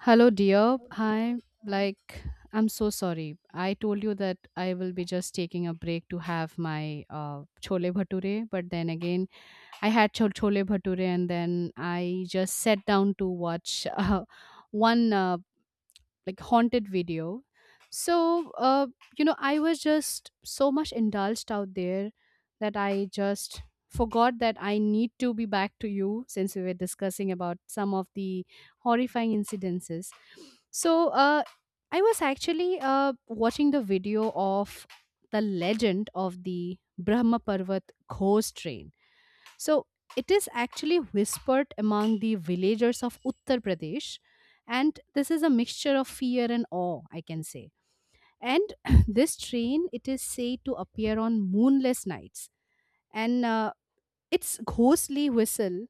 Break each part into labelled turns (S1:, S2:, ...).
S1: Hello, dear. Hi. Like, I'm so sorry. I told you that I will be just taking a break to have my chole bhature, but then again, I had chole bhature and then I just sat down to watch one like haunted video, so uh, you know, I was just so much indulged out there that I just forgot that I need to be back to you since we were discussing about some of the horrifying incidences. So uh, I was actually watching the video of the legend of the Brahma Parvat ghost train. So it is actually whispered among the villagers of Uttar Pradesh, and this is a mixture of fear and awe, I can say. And this train, it is said to appear on moonless nights, and its ghostly whistle,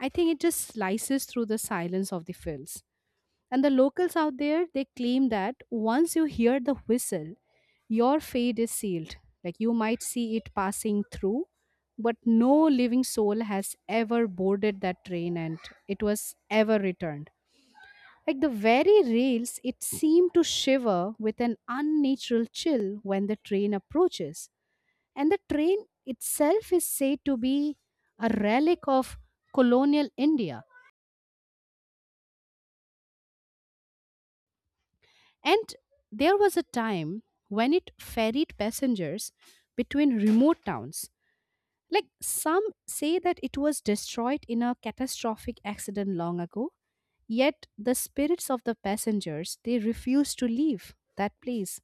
S1: I think it just slices through the silence of the fields. And the locals out there, they claim that once you hear the whistle, your fate is sealed. Like you might see it passing through, but no living soul has ever boarded that train and it was ever returned. Like the very rails, it seemed to shiver with an unnatural chill when the train approaches. And the train itself is said to be a relic of colonial India. And there was a time when it ferried passengers between remote towns. Like some say that it was destroyed in a catastrophic accident long ago, yet the spirits of the passengers, they refused to leave that place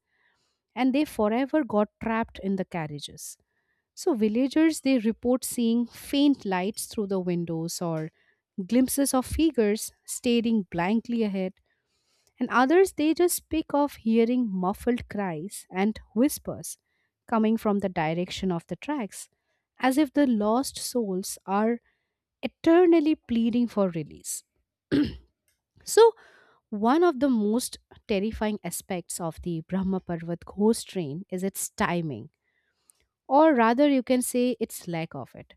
S1: and they forever got trapped in the carriages. So villagers, they report seeing faint lights through the windows or glimpses of figures staring blankly ahead, and others, they just speak of hearing muffled cries and whispers coming from the direction of the tracks, as if the lost souls are eternally pleading for release. So, one of the most terrifying aspects of the Brahma Parvat ghost train is its timing, or rather, you can say its lack of it.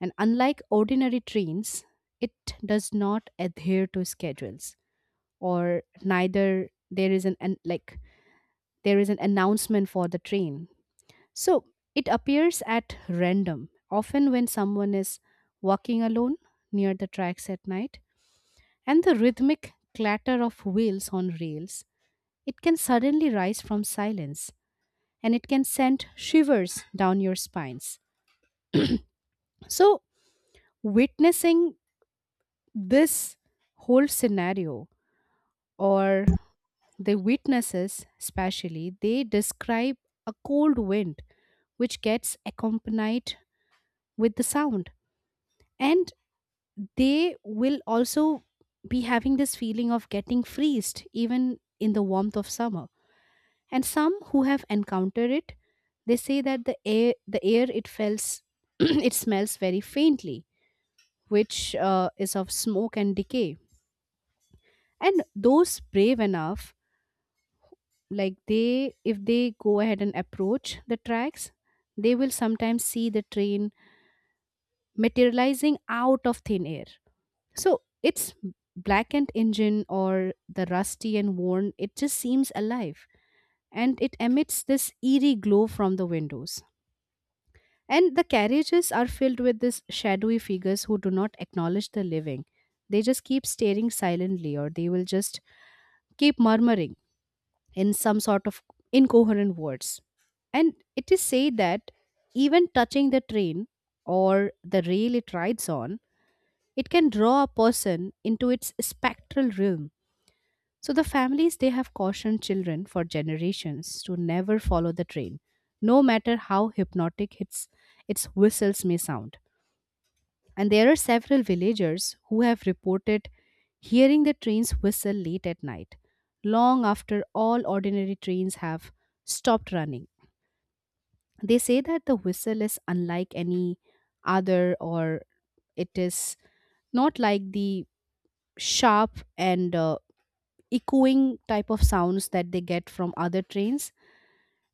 S1: And unlike ordinary trains, it does not adhere to schedules, or neither there is an like there is an announcement for the train. So it appears at random, often when someone is walking alone near the tracks at night, and the rhythmic clatter of wheels on rails, it can suddenly rise from silence and it can send shivers down your spines. So, witnessing this whole scenario, or the witnesses, especially, they describe a cold wind which gets accompanied with the sound, and they will also be having this feeling of getting freezed even in the warmth of summer, and some who have encountered it, they say that the air it feels it smells very faintly, which is of smoke and decay. And those brave enough, like they, if they go ahead and approach the tracks, they will sometimes see the train materializing out of thin air. So its blackened engine or the rusty and worn, it just seems alive and it emits this eerie glow from the windows. And the carriages are filled with these shadowy figures who do not acknowledge the living. They just keep staring silently or they will just keep murmuring in some sort of incoherent words. And it is said that even touching the train or the rail it rides on, it can draw a person into its spectral realm. So the families, they have cautioned children for generations to never follow the train, no matter how hypnotic its whistles may sound. And there are several villagers who have reported hearing the train's whistle late at night, long after all ordinary trains have stopped running. They say that the whistle is unlike any other, or it is not like the sharp and echoing type of sounds that they get from other trains,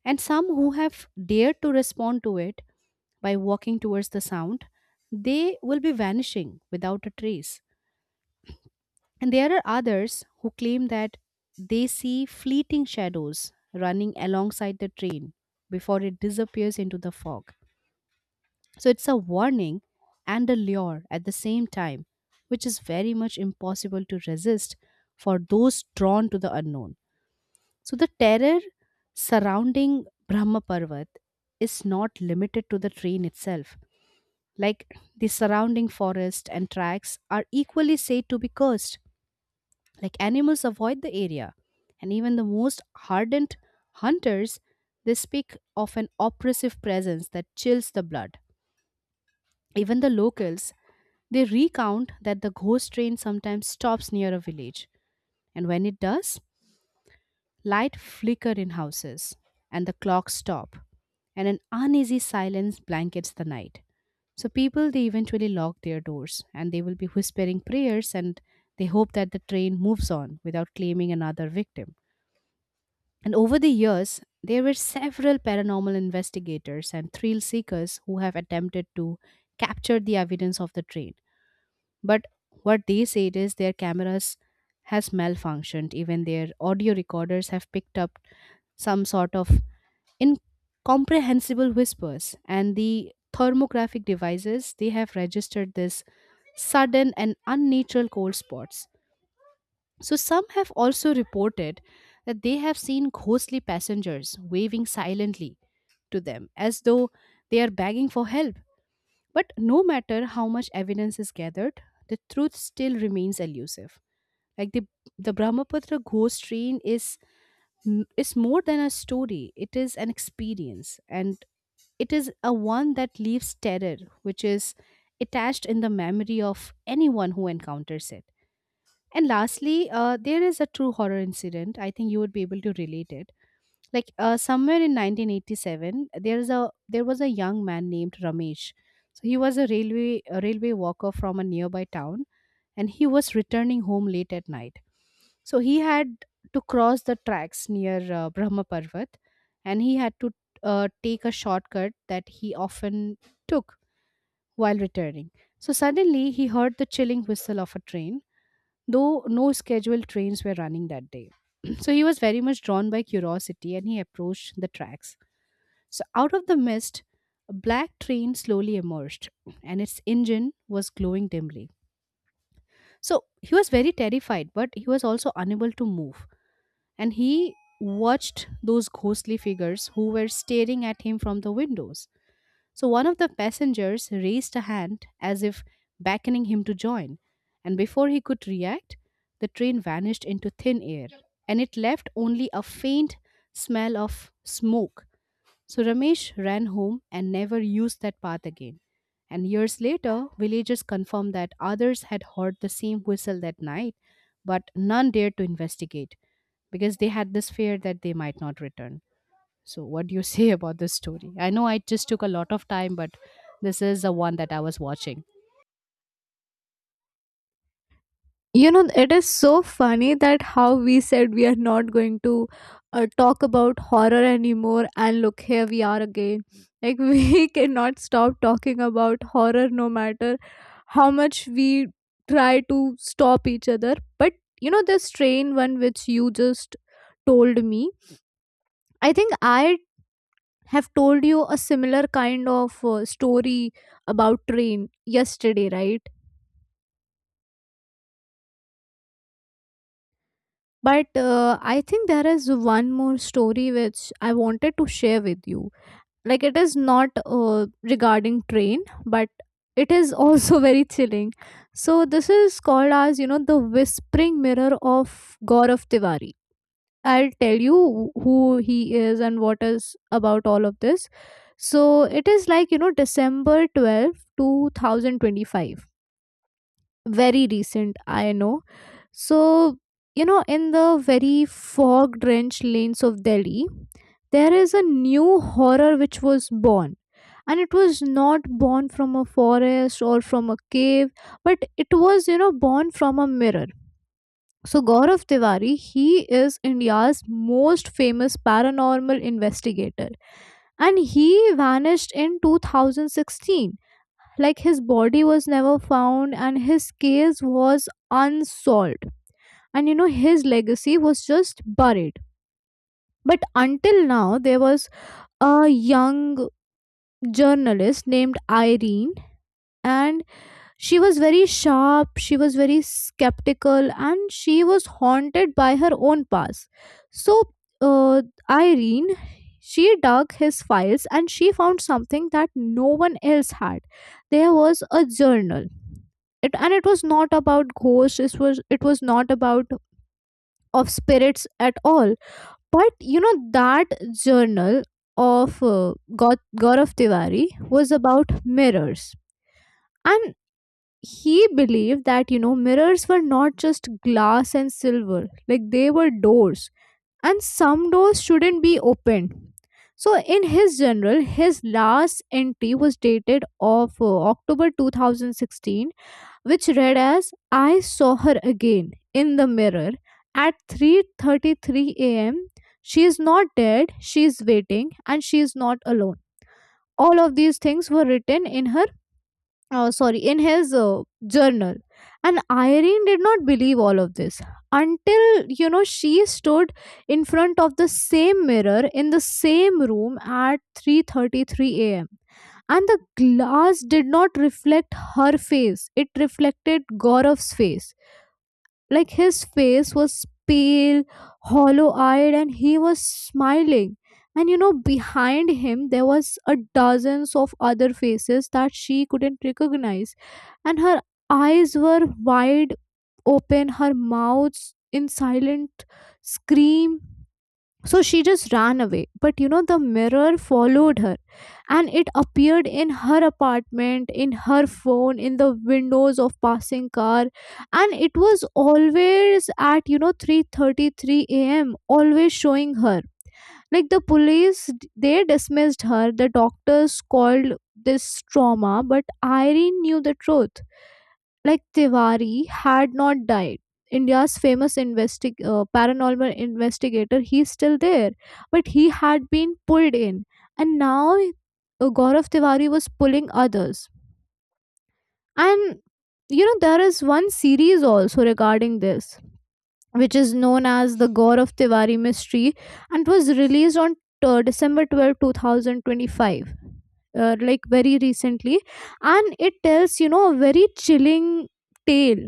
S1: and some who have dared to respond to it by walking towards the sound, they will be vanishing without a trace. And there are others who claim that they see fleeting shadows running alongside the train before it disappears into the fog. So it's a warning and a lure at the same time, which is very much impossible to resist for those drawn to the unknown. So the terror surrounding Brahma Parvat is not limited to the train itself. Like the surrounding forest and tracks are equally said to be cursed. Like animals avoid the area, and even the most hardened hunters, they speak of an oppressive presence that chills the blood. Even the locals, they recount that the ghost train sometimes stops near a village, and when it does, light flickered in houses, and the clocks stop, and an uneasy silence blankets the night. So people, they eventually lock their doors and they will be whispering prayers and they hope that the train moves on without claiming another victim. And over the years, there were several paranormal investigators and thrill seekers who have attempted to capture the evidence of the train. But what they said is their cameras has malfunctioned. Even their audio recorders have picked up some sort of incomprehensible whispers. And the thermographic devices, they have registered this sudden and unnatural cold spots. So some have also reported that they have seen ghostly passengers waving silently to them as though they are begging for help. But no matter how much evidence is gathered, the truth still remains elusive. Like the Brahmaputra ghost train is more than a story. It is an experience, and it is a one that leaves terror, which is attached in the memory of anyone who encounters it. And lastly, there is a true horror incident. I think you would be able to relate it. Like somewhere in 1987, there was a young man named Ramesh. So he was a railway walker from a nearby town, and he was returning home late at night. So he had to cross the tracks near Brahma Parvat, and he had to take a shortcut that he often took while returning. So suddenly he heard the chilling whistle of a train, though no scheduled trains were running that day. So he was very much drawn by curiosity and he approached the tracks. So, out of the mist, a black train slowly emerged, and its engine was glowing dimly. So, he was very terrified, but he was also unable to move. And he watched those ghostly figures who were staring at him from the windows. So, one of the passengers raised a hand as if beckoning him to join. And before he could react, the train vanished into thin air, and it left only a faint smell of smoke. So Ramesh ran home and never used that path again. And years later, villagers confirmed that others had heard the same whistle that night, but none dared to investigate because they had this fear that they might not return. So, what do you say about this story? I know I just took a lot of time, but this is the one that I was watching.
S2: You know it is so funny that how we said we are not going to talk about horror anymore and look here we are again like we cannot stop talking about horror no matter how much we try to stop each other. But you know this train one which you just told me, I think I have told you a similar kind of story about train yesterday, right? But I think there is one more story which I wanted to share with you. Like, it is not regarding train, but it is also very chilling. So this is called, as you know, the whispering mirror of Gaurav Tiwari. I'll tell you who he is and what is about all of this. So it is like, you know, December 12th, 2025. Very recent, I know. So, you know, in the very fog drenched lanes of Delhi, there is a new horror which was born. And it was not born from a forest or from a cave, but it was, you know, born from a mirror. So, Gaurav Tiwari, he is India's most famous paranormal investigator. And he vanished in 2016. Like, his body was never found, and his case was unsolved, and you know his legacy was just buried. But until now, there was a young journalist named Irene. And she was very sharp, she was very skeptical, and she was haunted by her own past. So uh, Irene, she dug his files and she found something that no one else had. There was a journal, and it was not about ghosts, it was not about of spirits at all. But you know that journal of Gaurav Tiwari was about mirrors, and he believed that, you know, mirrors were not just glass and silver, like they were doors, and some doors shouldn't be opened. So in his journal, his last entry was dated of October 2016, which read as, I saw her again in the mirror at 3:33 a.m. She is not dead, she is waiting, and she is not alone. All of these things were written in her sorry, in his journal. And Irene did not believe all of this until, you know, she stood in front of the same mirror in the same room at 3:33 a.m. And the glass did not reflect her face, it reflected Gaurav's face. Like, his face was pale, hollow eyed, and he was smiling. And you know, behind him there was a dozens of other faces that she couldn't recognize. And her eyes were wide open, her mouth in silent scream. So she just ran away. But you know, the mirror followed her, and it appeared in her apartment, in her phone, in the windows of passing car. And it was always at, you know, 3:33 a.m., always showing her. Like, the police, they dismissed her. The doctors called this trauma, but Irene knew the truth. Like, Tiwari had not died. India's famous paranormal investigator, he's still there, but he had been pulled in, and now Gaurav Tiwari was pulling others. And you know, there is one series also regarding this, which is known as the Gaurav Tiwari mystery, and was released on December 12th, two 2025, like very recently. And it tells, you know, a very chilling tale.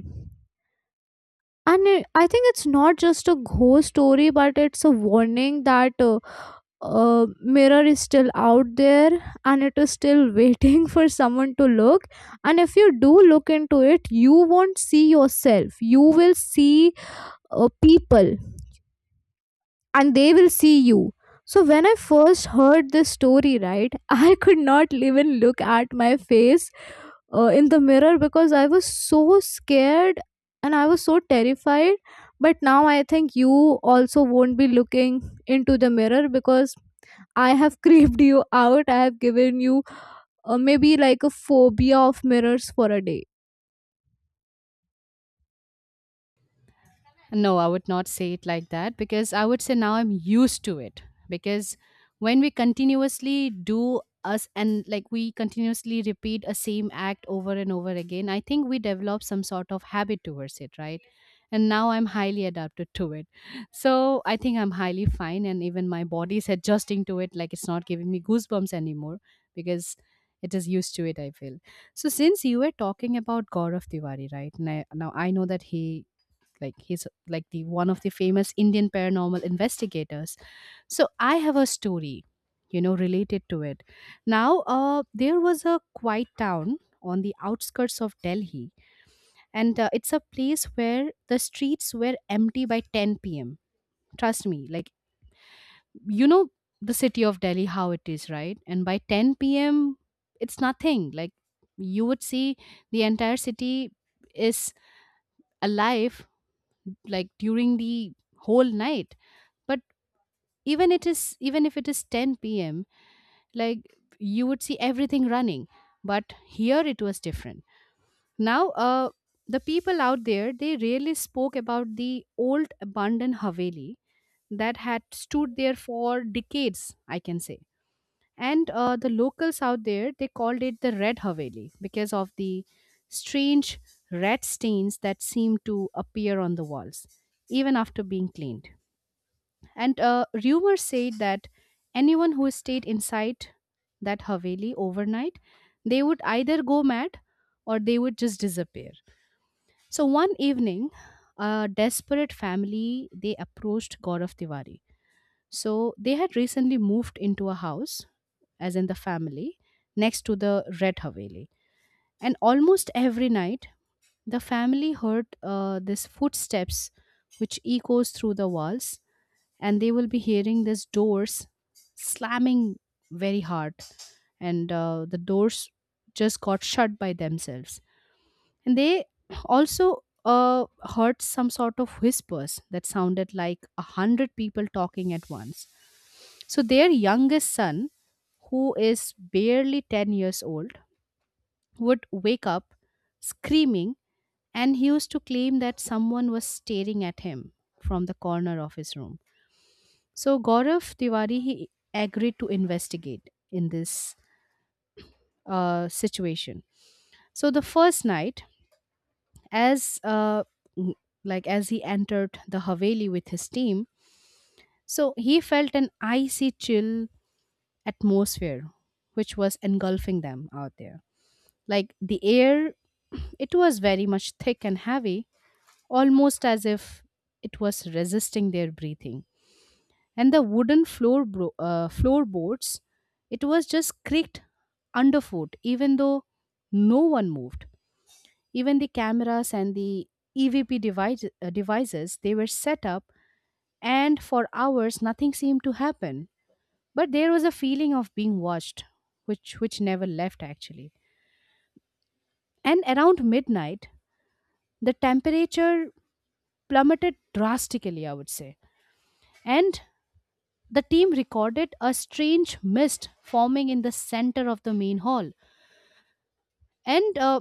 S2: And I think it's not just a ghost story, but it's a warning that mirror is still out there and it is still waiting for someone to look. And if you do look into it, you won't see yourself, you will see people, and they will see you. So when I first heard this story, right, I could not even look at my face in the mirror because I was so scared and I was so terrified. But now I think you also won't be looking into the mirror because I have creeped you out. I have given you maybe like a phobia of mirrors for a day.
S1: No, I would not say it like that because I would say now I'm used to it. Because when we continuously do us and like we continuously repeat a same act over and over again, I think we develop some sort of habit towards it, right? And now I'm highly adapted to it. So I think I'm highly fine and even my body is adjusting to it, like it's not giving me goosebumps anymore because it is used to it, I feel. So since you were talking about God of Tiwari, right? Now I know that he, like he's like the one of the famous Indian paranormal investigators. So I have a story, you know, related to it. Now, there was a quiet town on the outskirts of Delhi, and it's a place where the streets were empty by 10 p.m. Trust me, like you know the city of Delhi how it is, right? And by 10 p.m., it's nothing. Like you would see the entire city is alive like during the whole night, but even if it is 10 p.m., like you would see everything running, but here it was different. Now, the people out there, they really spoke about the old abandoned haveli that had stood there for decades, I can say. And the locals out there, they called it the Red Haveli because of the strange red stains that seemed to appear on the walls even after being cleaned. And rumor said that anyone who stayed inside that haveli overnight, they would either go mad or they would just disappear. So one evening, a desperate family, they approached Gaurav Tiwari. So they had recently moved into a house, as in the family, next to the Red Haveli. And almost every night, the family heard these footsteps which echoes through the walls, and they will be hearing these doors slamming very hard, and the doors just got shut by themselves, and they also heard some sort of whispers that sounded like a hundred people talking at once. So their youngest son, who is barely 10 years old, would wake up screaming, and he used to claim that someone was staring at him from the corner of his room. So Gaurav Tiwari he agreed to investigate in this situation. So the first night, as uh, n- like as he entered the Haveli with his team, so he felt an icy chill atmosphere which was engulfing them out there. Like the air, it was very much thick and heavy, almost as if it was resisting their breathing. And the wooden floorboards, it was just creaked underfoot even though no one moved. Even the cameras and the EVP devices, they were set up, and for hours nothing seemed to happen, but there was a feeling of being watched, which never left, actually. And around midnight, the temperature plummeted drastically, I would say, and the team recorded a strange mist forming in the center of the main hall. And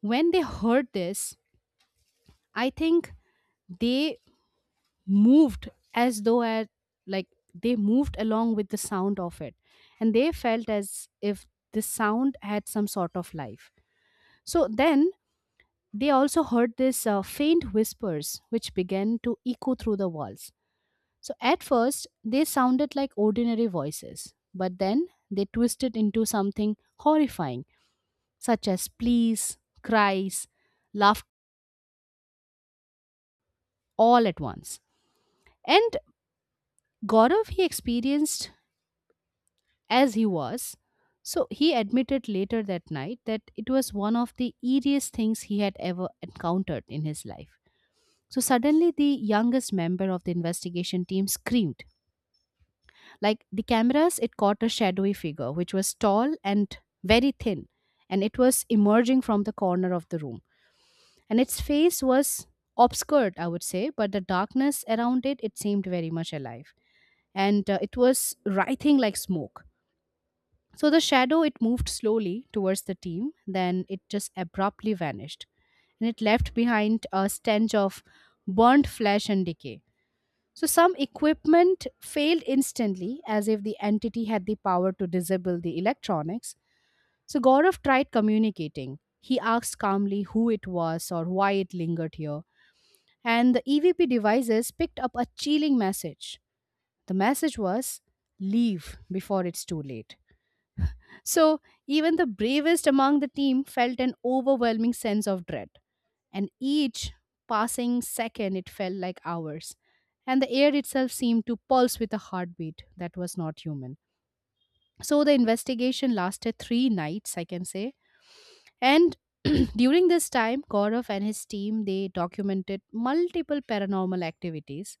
S1: when they heard this, I think they moved as though at, like they moved along with the sound of it. And they felt as if the sound had some sort of life. So then they also heard this faint whispers which began to echo through the walls. So at first, they sounded like ordinary voices, but then they twisted into something horrifying, such as pleas, cries, laughed, all at once. And Gaurav, he experienced as he was. So he admitted later that night that it was one of the eeriest things he had ever encountered in his life. So suddenly, the youngest member of the investigation team screamed. Like the cameras, it caught a shadowy figure, which was tall and very thin, and it was emerging from the corner of the room. And its face was obscured, I would say, but the darkness around it, it seemed very much alive. And it was writhing like smoke. So the shadow, it moved slowly towards the team, then it just abruptly vanished. And it left behind a stench of burnt flesh and decay. So some equipment failed instantly, as if the entity had the power to disable the electronics. So Gaurav tried communicating. He asked calmly who it was or why it lingered here, and the EVP devices picked up a chilling message. The message was, leave before it's too late. So even the bravest among the team felt an overwhelming sense of dread, and each passing second it felt like hours, and the air itself seemed to pulse with a heartbeat that was not human. So the investigation lasted 3 nights, I can say, and during this time, Gaurav and his team they documented multiple paranormal activities,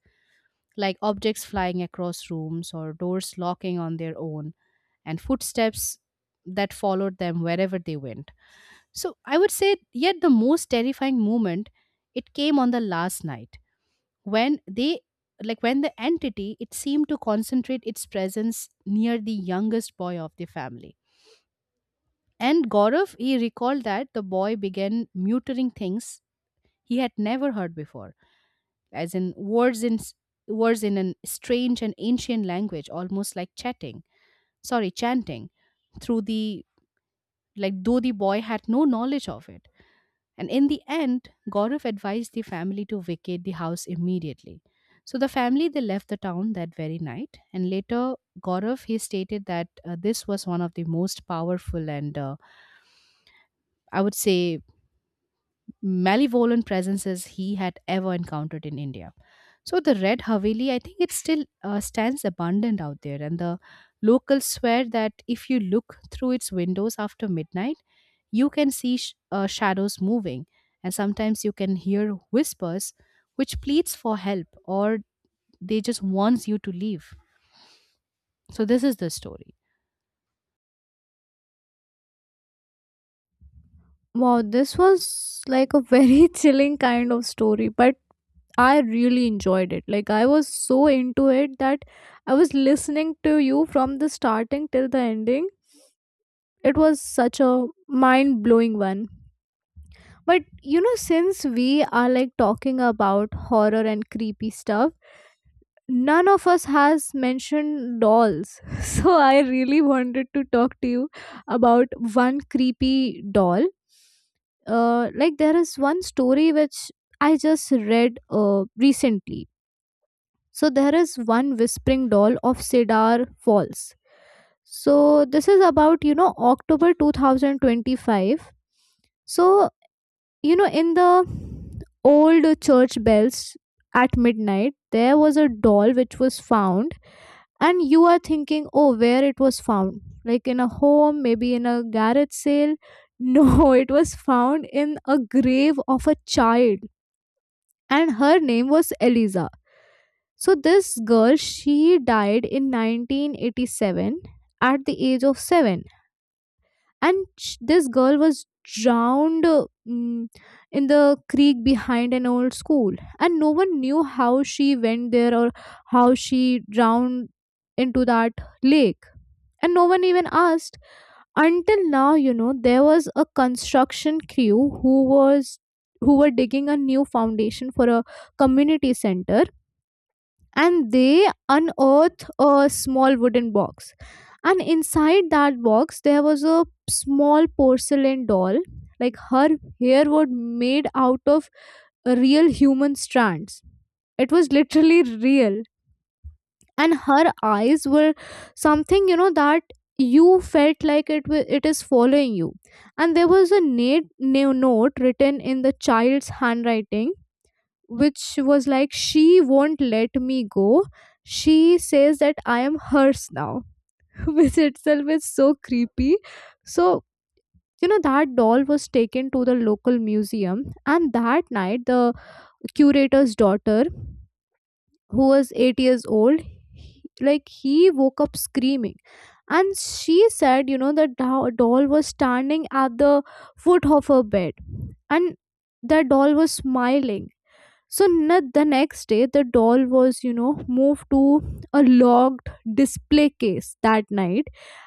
S1: like objects flying across rooms or doors locking on their own, and footsteps that followed them wherever they went. So I would say, yet the most terrifying moment, it came on the last night when they, like when the entity, it seemed to concentrate its presence near the youngest boy of the family. And Gaurav, he recalled that the boy began muttering things he had never heard before, as in words in an strange and ancient language, almost like chanting, through the like though the boy had no knowledge of it. And in the end, Gaurav advised the family to vacate the house immediately. So the family they left the town that very night, and later Gaurav he stated that this was one of the most powerful, and I would say malevolent, presences he had ever encountered in India. So the Red Haveli, I think it still stands abandoned out there, and the locals swear that if you look through its windows after midnight, you can see shadows moving, and sometimes you can hear whispers which pleads for help or they just wants you to leave. So this is the story.
S2: Wow, this was like a very chilling kind of story. But I really enjoyed it. Like, I was so into it that I was listening to you from the starting till the ending. It was such a mind-blowing one. But you know, since we are like talking about horror and creepy stuff, none of us has mentioned dolls. So I really wanted to talk to you about one creepy doll. Like, there is one story which I just read recently. So there is one whispering doll of Cedar Falls. So this is about, you know, October 2025. So you know, in the old church bells at midnight, there was a doll which was found. And you are thinking, oh, where it was found, like in a home, maybe in a garage sale? No, it was found in a grave of a child, and her name was Eliza. So this girl, she died in 1987 at the age of 7. And this girl was drowned in the creek behind an old school. And no one knew how she went there or how she drowned into that lake. And no one even asked until now. You know, there was a construction crew who was who were digging a new foundation for a community center, and they unearthed a small wooden box. And inside that box, there was a small porcelain doll. Like, her hair was made out of real human strands. It was literally real. And her eyes were something, you know, that you felt like it is following you. And there was a note written in the child's handwriting, which was like, she won't let me go, she says that I am hers now. Which itself is so creepy. So you know, that doll was taken to the local museum, and that night the curator's daughter, who was 8 years old, like, he woke up screaming. And she said, you know, the doll was standing at the foot of her bed, and the doll was smiling. So the next day, the doll was, you know, moved to a locked display case that night.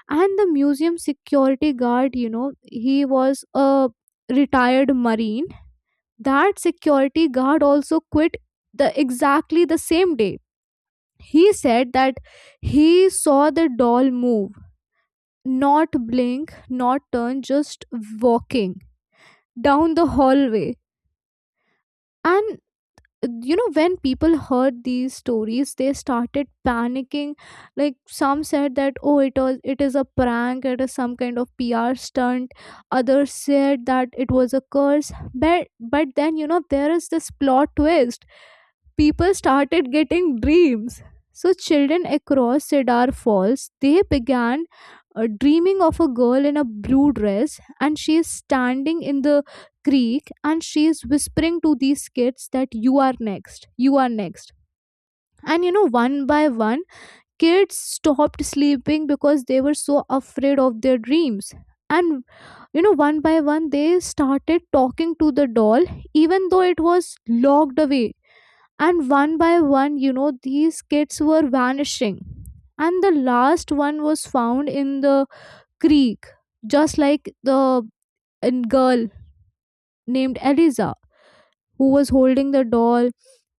S2: And the museum security guard, you know, he was a retired Marine. That security guard also quit the exactly the same day. He said that he saw the doll move, not blink, not turn, just walking down the hallway. And you know, when people heard these stories, they started panicking. Like, some said that, oh, it was, it is a prank, it is some kind of PR stunt. Others said that it was a curse. But then, you know, there is this plot twist. People started getting dreams. So children across Cedar Falls, they began dreaming of a girl in a blue dress, and she is standing in the creek and she is whispering to these kids that, you are next, you are next. And you know, one by one, kids stopped sleeping because they were so afraid of their dreams. And you know, one by one, they started talking to the doll, even though it was locked away. And one by one, you know, these kids were vanishing. And the last one was found in the creek, just like the girl named Eliza, who was holding the doll,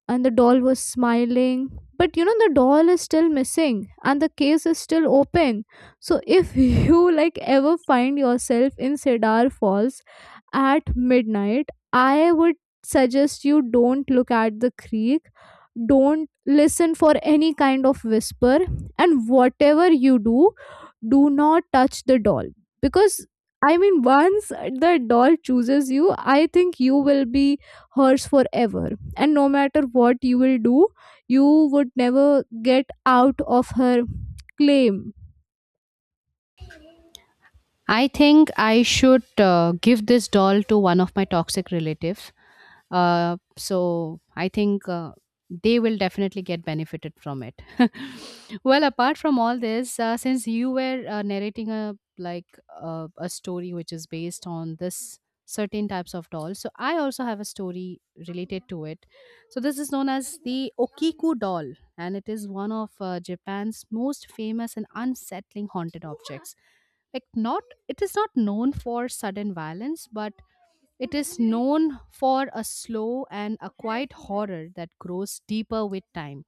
S2: and the doll was smiling. But you know, the doll is still missing and the case is still open. So if you like ever find yourself in Cedar Falls at midnight, I would suggest you don't look at the creek, don't listen for any kind of whisper, and whatever you do, do not touch the doll. Because I mean, once the doll chooses you, I think you will be hers forever. And no matter what you will do, you would never get out of her claim.
S1: I think I should give this doll to one of my toxic relatives. So I think they will definitely get benefited from it. Well, apart from all this, since you were narrating a story which is based on this certain types of dolls, so I also have a story related to it. So this is known as the Okiku doll, and it is one of Japan's most famous and unsettling haunted objects, like not, it is not known for sudden violence, but it is known for a slow and a quiet horror that grows deeper with time.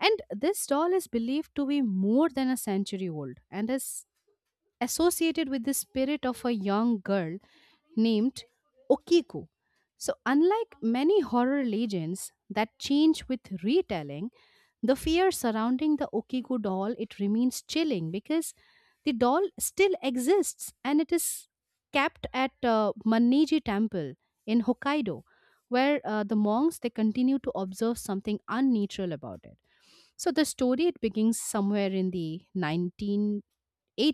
S1: And this doll is believed to be more than a century old and is associated with the spirit of a young girl named Okiku. So, unlike many horror legends that change with retelling, the fear surrounding the Okigo doll it remains chilling because the doll still exists, and it is kept at Manneji Temple in Hokkaido, where the monks they continue to observe something unnatural about it. So the story it begins somewhere in the 1918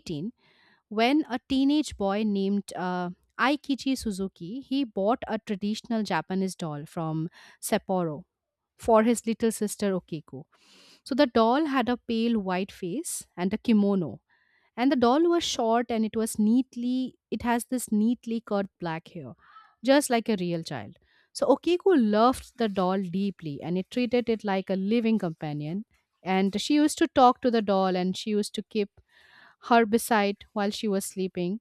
S1: when a teenage boy named Aikichi Suzuki he bought a traditional Japanese doll from Sapporo for his little sister Okiko. So the doll had a pale white face and a kimono. And the doll was short, and it has this neatly curled black hair, just like a real child. So Okiku loved the doll deeply, and it treated it like a living companion. And she used to talk to the doll, and she used to keep her beside while she was sleeping.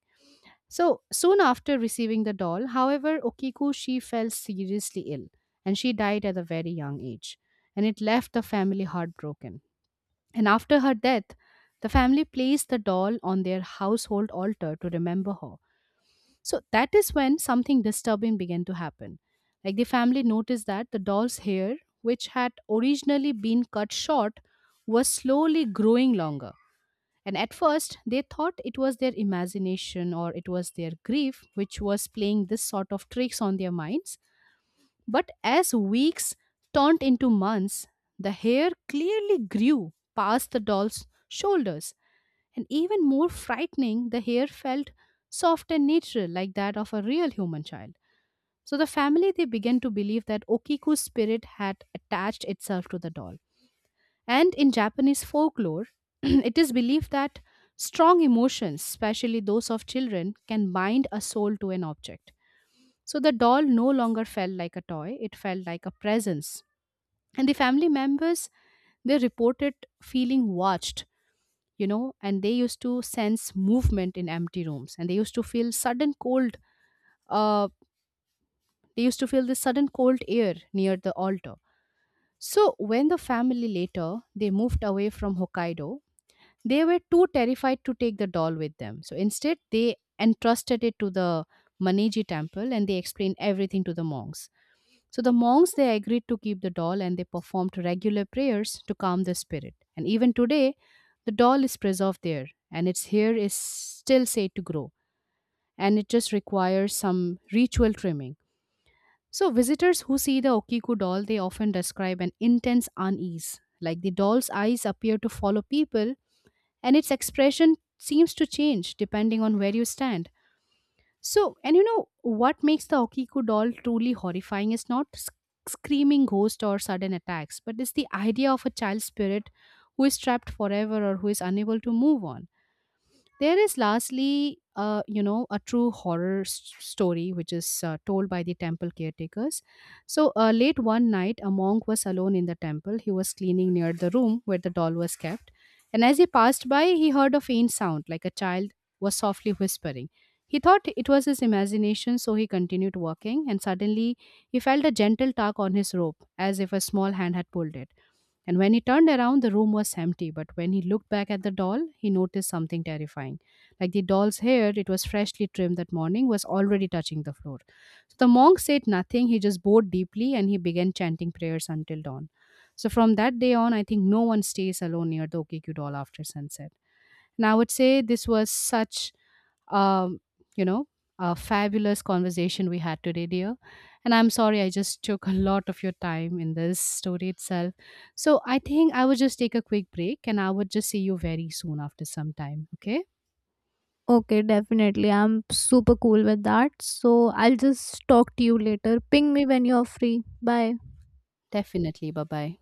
S1: So soon after receiving the doll, however, Okiku she fell seriously ill and she died at a very young age. And it left the family heartbroken. And after her death, the family placed the doll on their household altar to remember her. So that is when something disturbing began to happen. Like the family noticed that the doll's hair, which had originally been cut short, was slowly growing longer. And at first, they thought it was their imagination, or it was their grief which was playing this sort of tricks on their minds. But as weeks turned into months, the hair clearly grew past the doll's shoulders, and even more frightening, the hair felt soft and natural, like that of a real human child. So the family they began to believe that Okiku's spirit had attached itself to the doll. And in Japanese folklore, it is believed that strong emotions, especially those of children, can bind a soul to an object. So the doll no longer felt like a toy, it felt like a presence, and the family members they reported feeling watched, and they used to sense movement in empty rooms, and they used to feel sudden cold, uh, they used to feel the sudden cold air near the altar. So when the family later they moved away from Hokkaido, they were too terrified to take the doll with them, so instead they entrusted it to the Maniji Temple, and they explained everything to the monks. So the monks they agreed to keep the doll and they performed regular prayers to calm the spirit. And even today, the doll is preserved there, and its hair is still said to grow, and it just requires some ritual trimming. So visitors who see the Okiku doll they often describe an intense unease, like the doll's eyes appear to follow people, and its expression seems to change depending on where you stand. So, and you know what makes the Okiku doll truly horrifying is not screaming ghosts or sudden attacks, but it's the idea of a child spirit who is trapped forever or who is unable to move on. There is lastly, a true horror story which is told by the temple caretakers. So, late one night, a monk was alone in the temple. He was cleaning near the room where the doll was kept. And as he passed by, he heard a faint sound like a child was softly whispering. He thought it was his imagination, so he continued walking. And suddenly, he felt a gentle tug on his rope as if a small hand had pulled it. And when he turned around, the room was empty. But when he looked back at the doll, he noticed something terrifying. Like the doll's hair, it was freshly trimmed that morning, was already touching the floor. So the monk said nothing. He just bowed deeply, and he began chanting prayers until dawn. So from that day on, I think no one stays alone near the Okiku doll after sunset. And I would say this was such um, you know, a fabulous conversation we had today, dear. And I'm sorry I just took a lot of your time in this story itself. So I think I would just take a quick break, and I would just see you very soon after some time. Okay?
S2: Okay, definitely, I'm super cool with that. So I'll just talk to you later. Ping me when you're free. Bye.
S1: Definitely. Bye bye.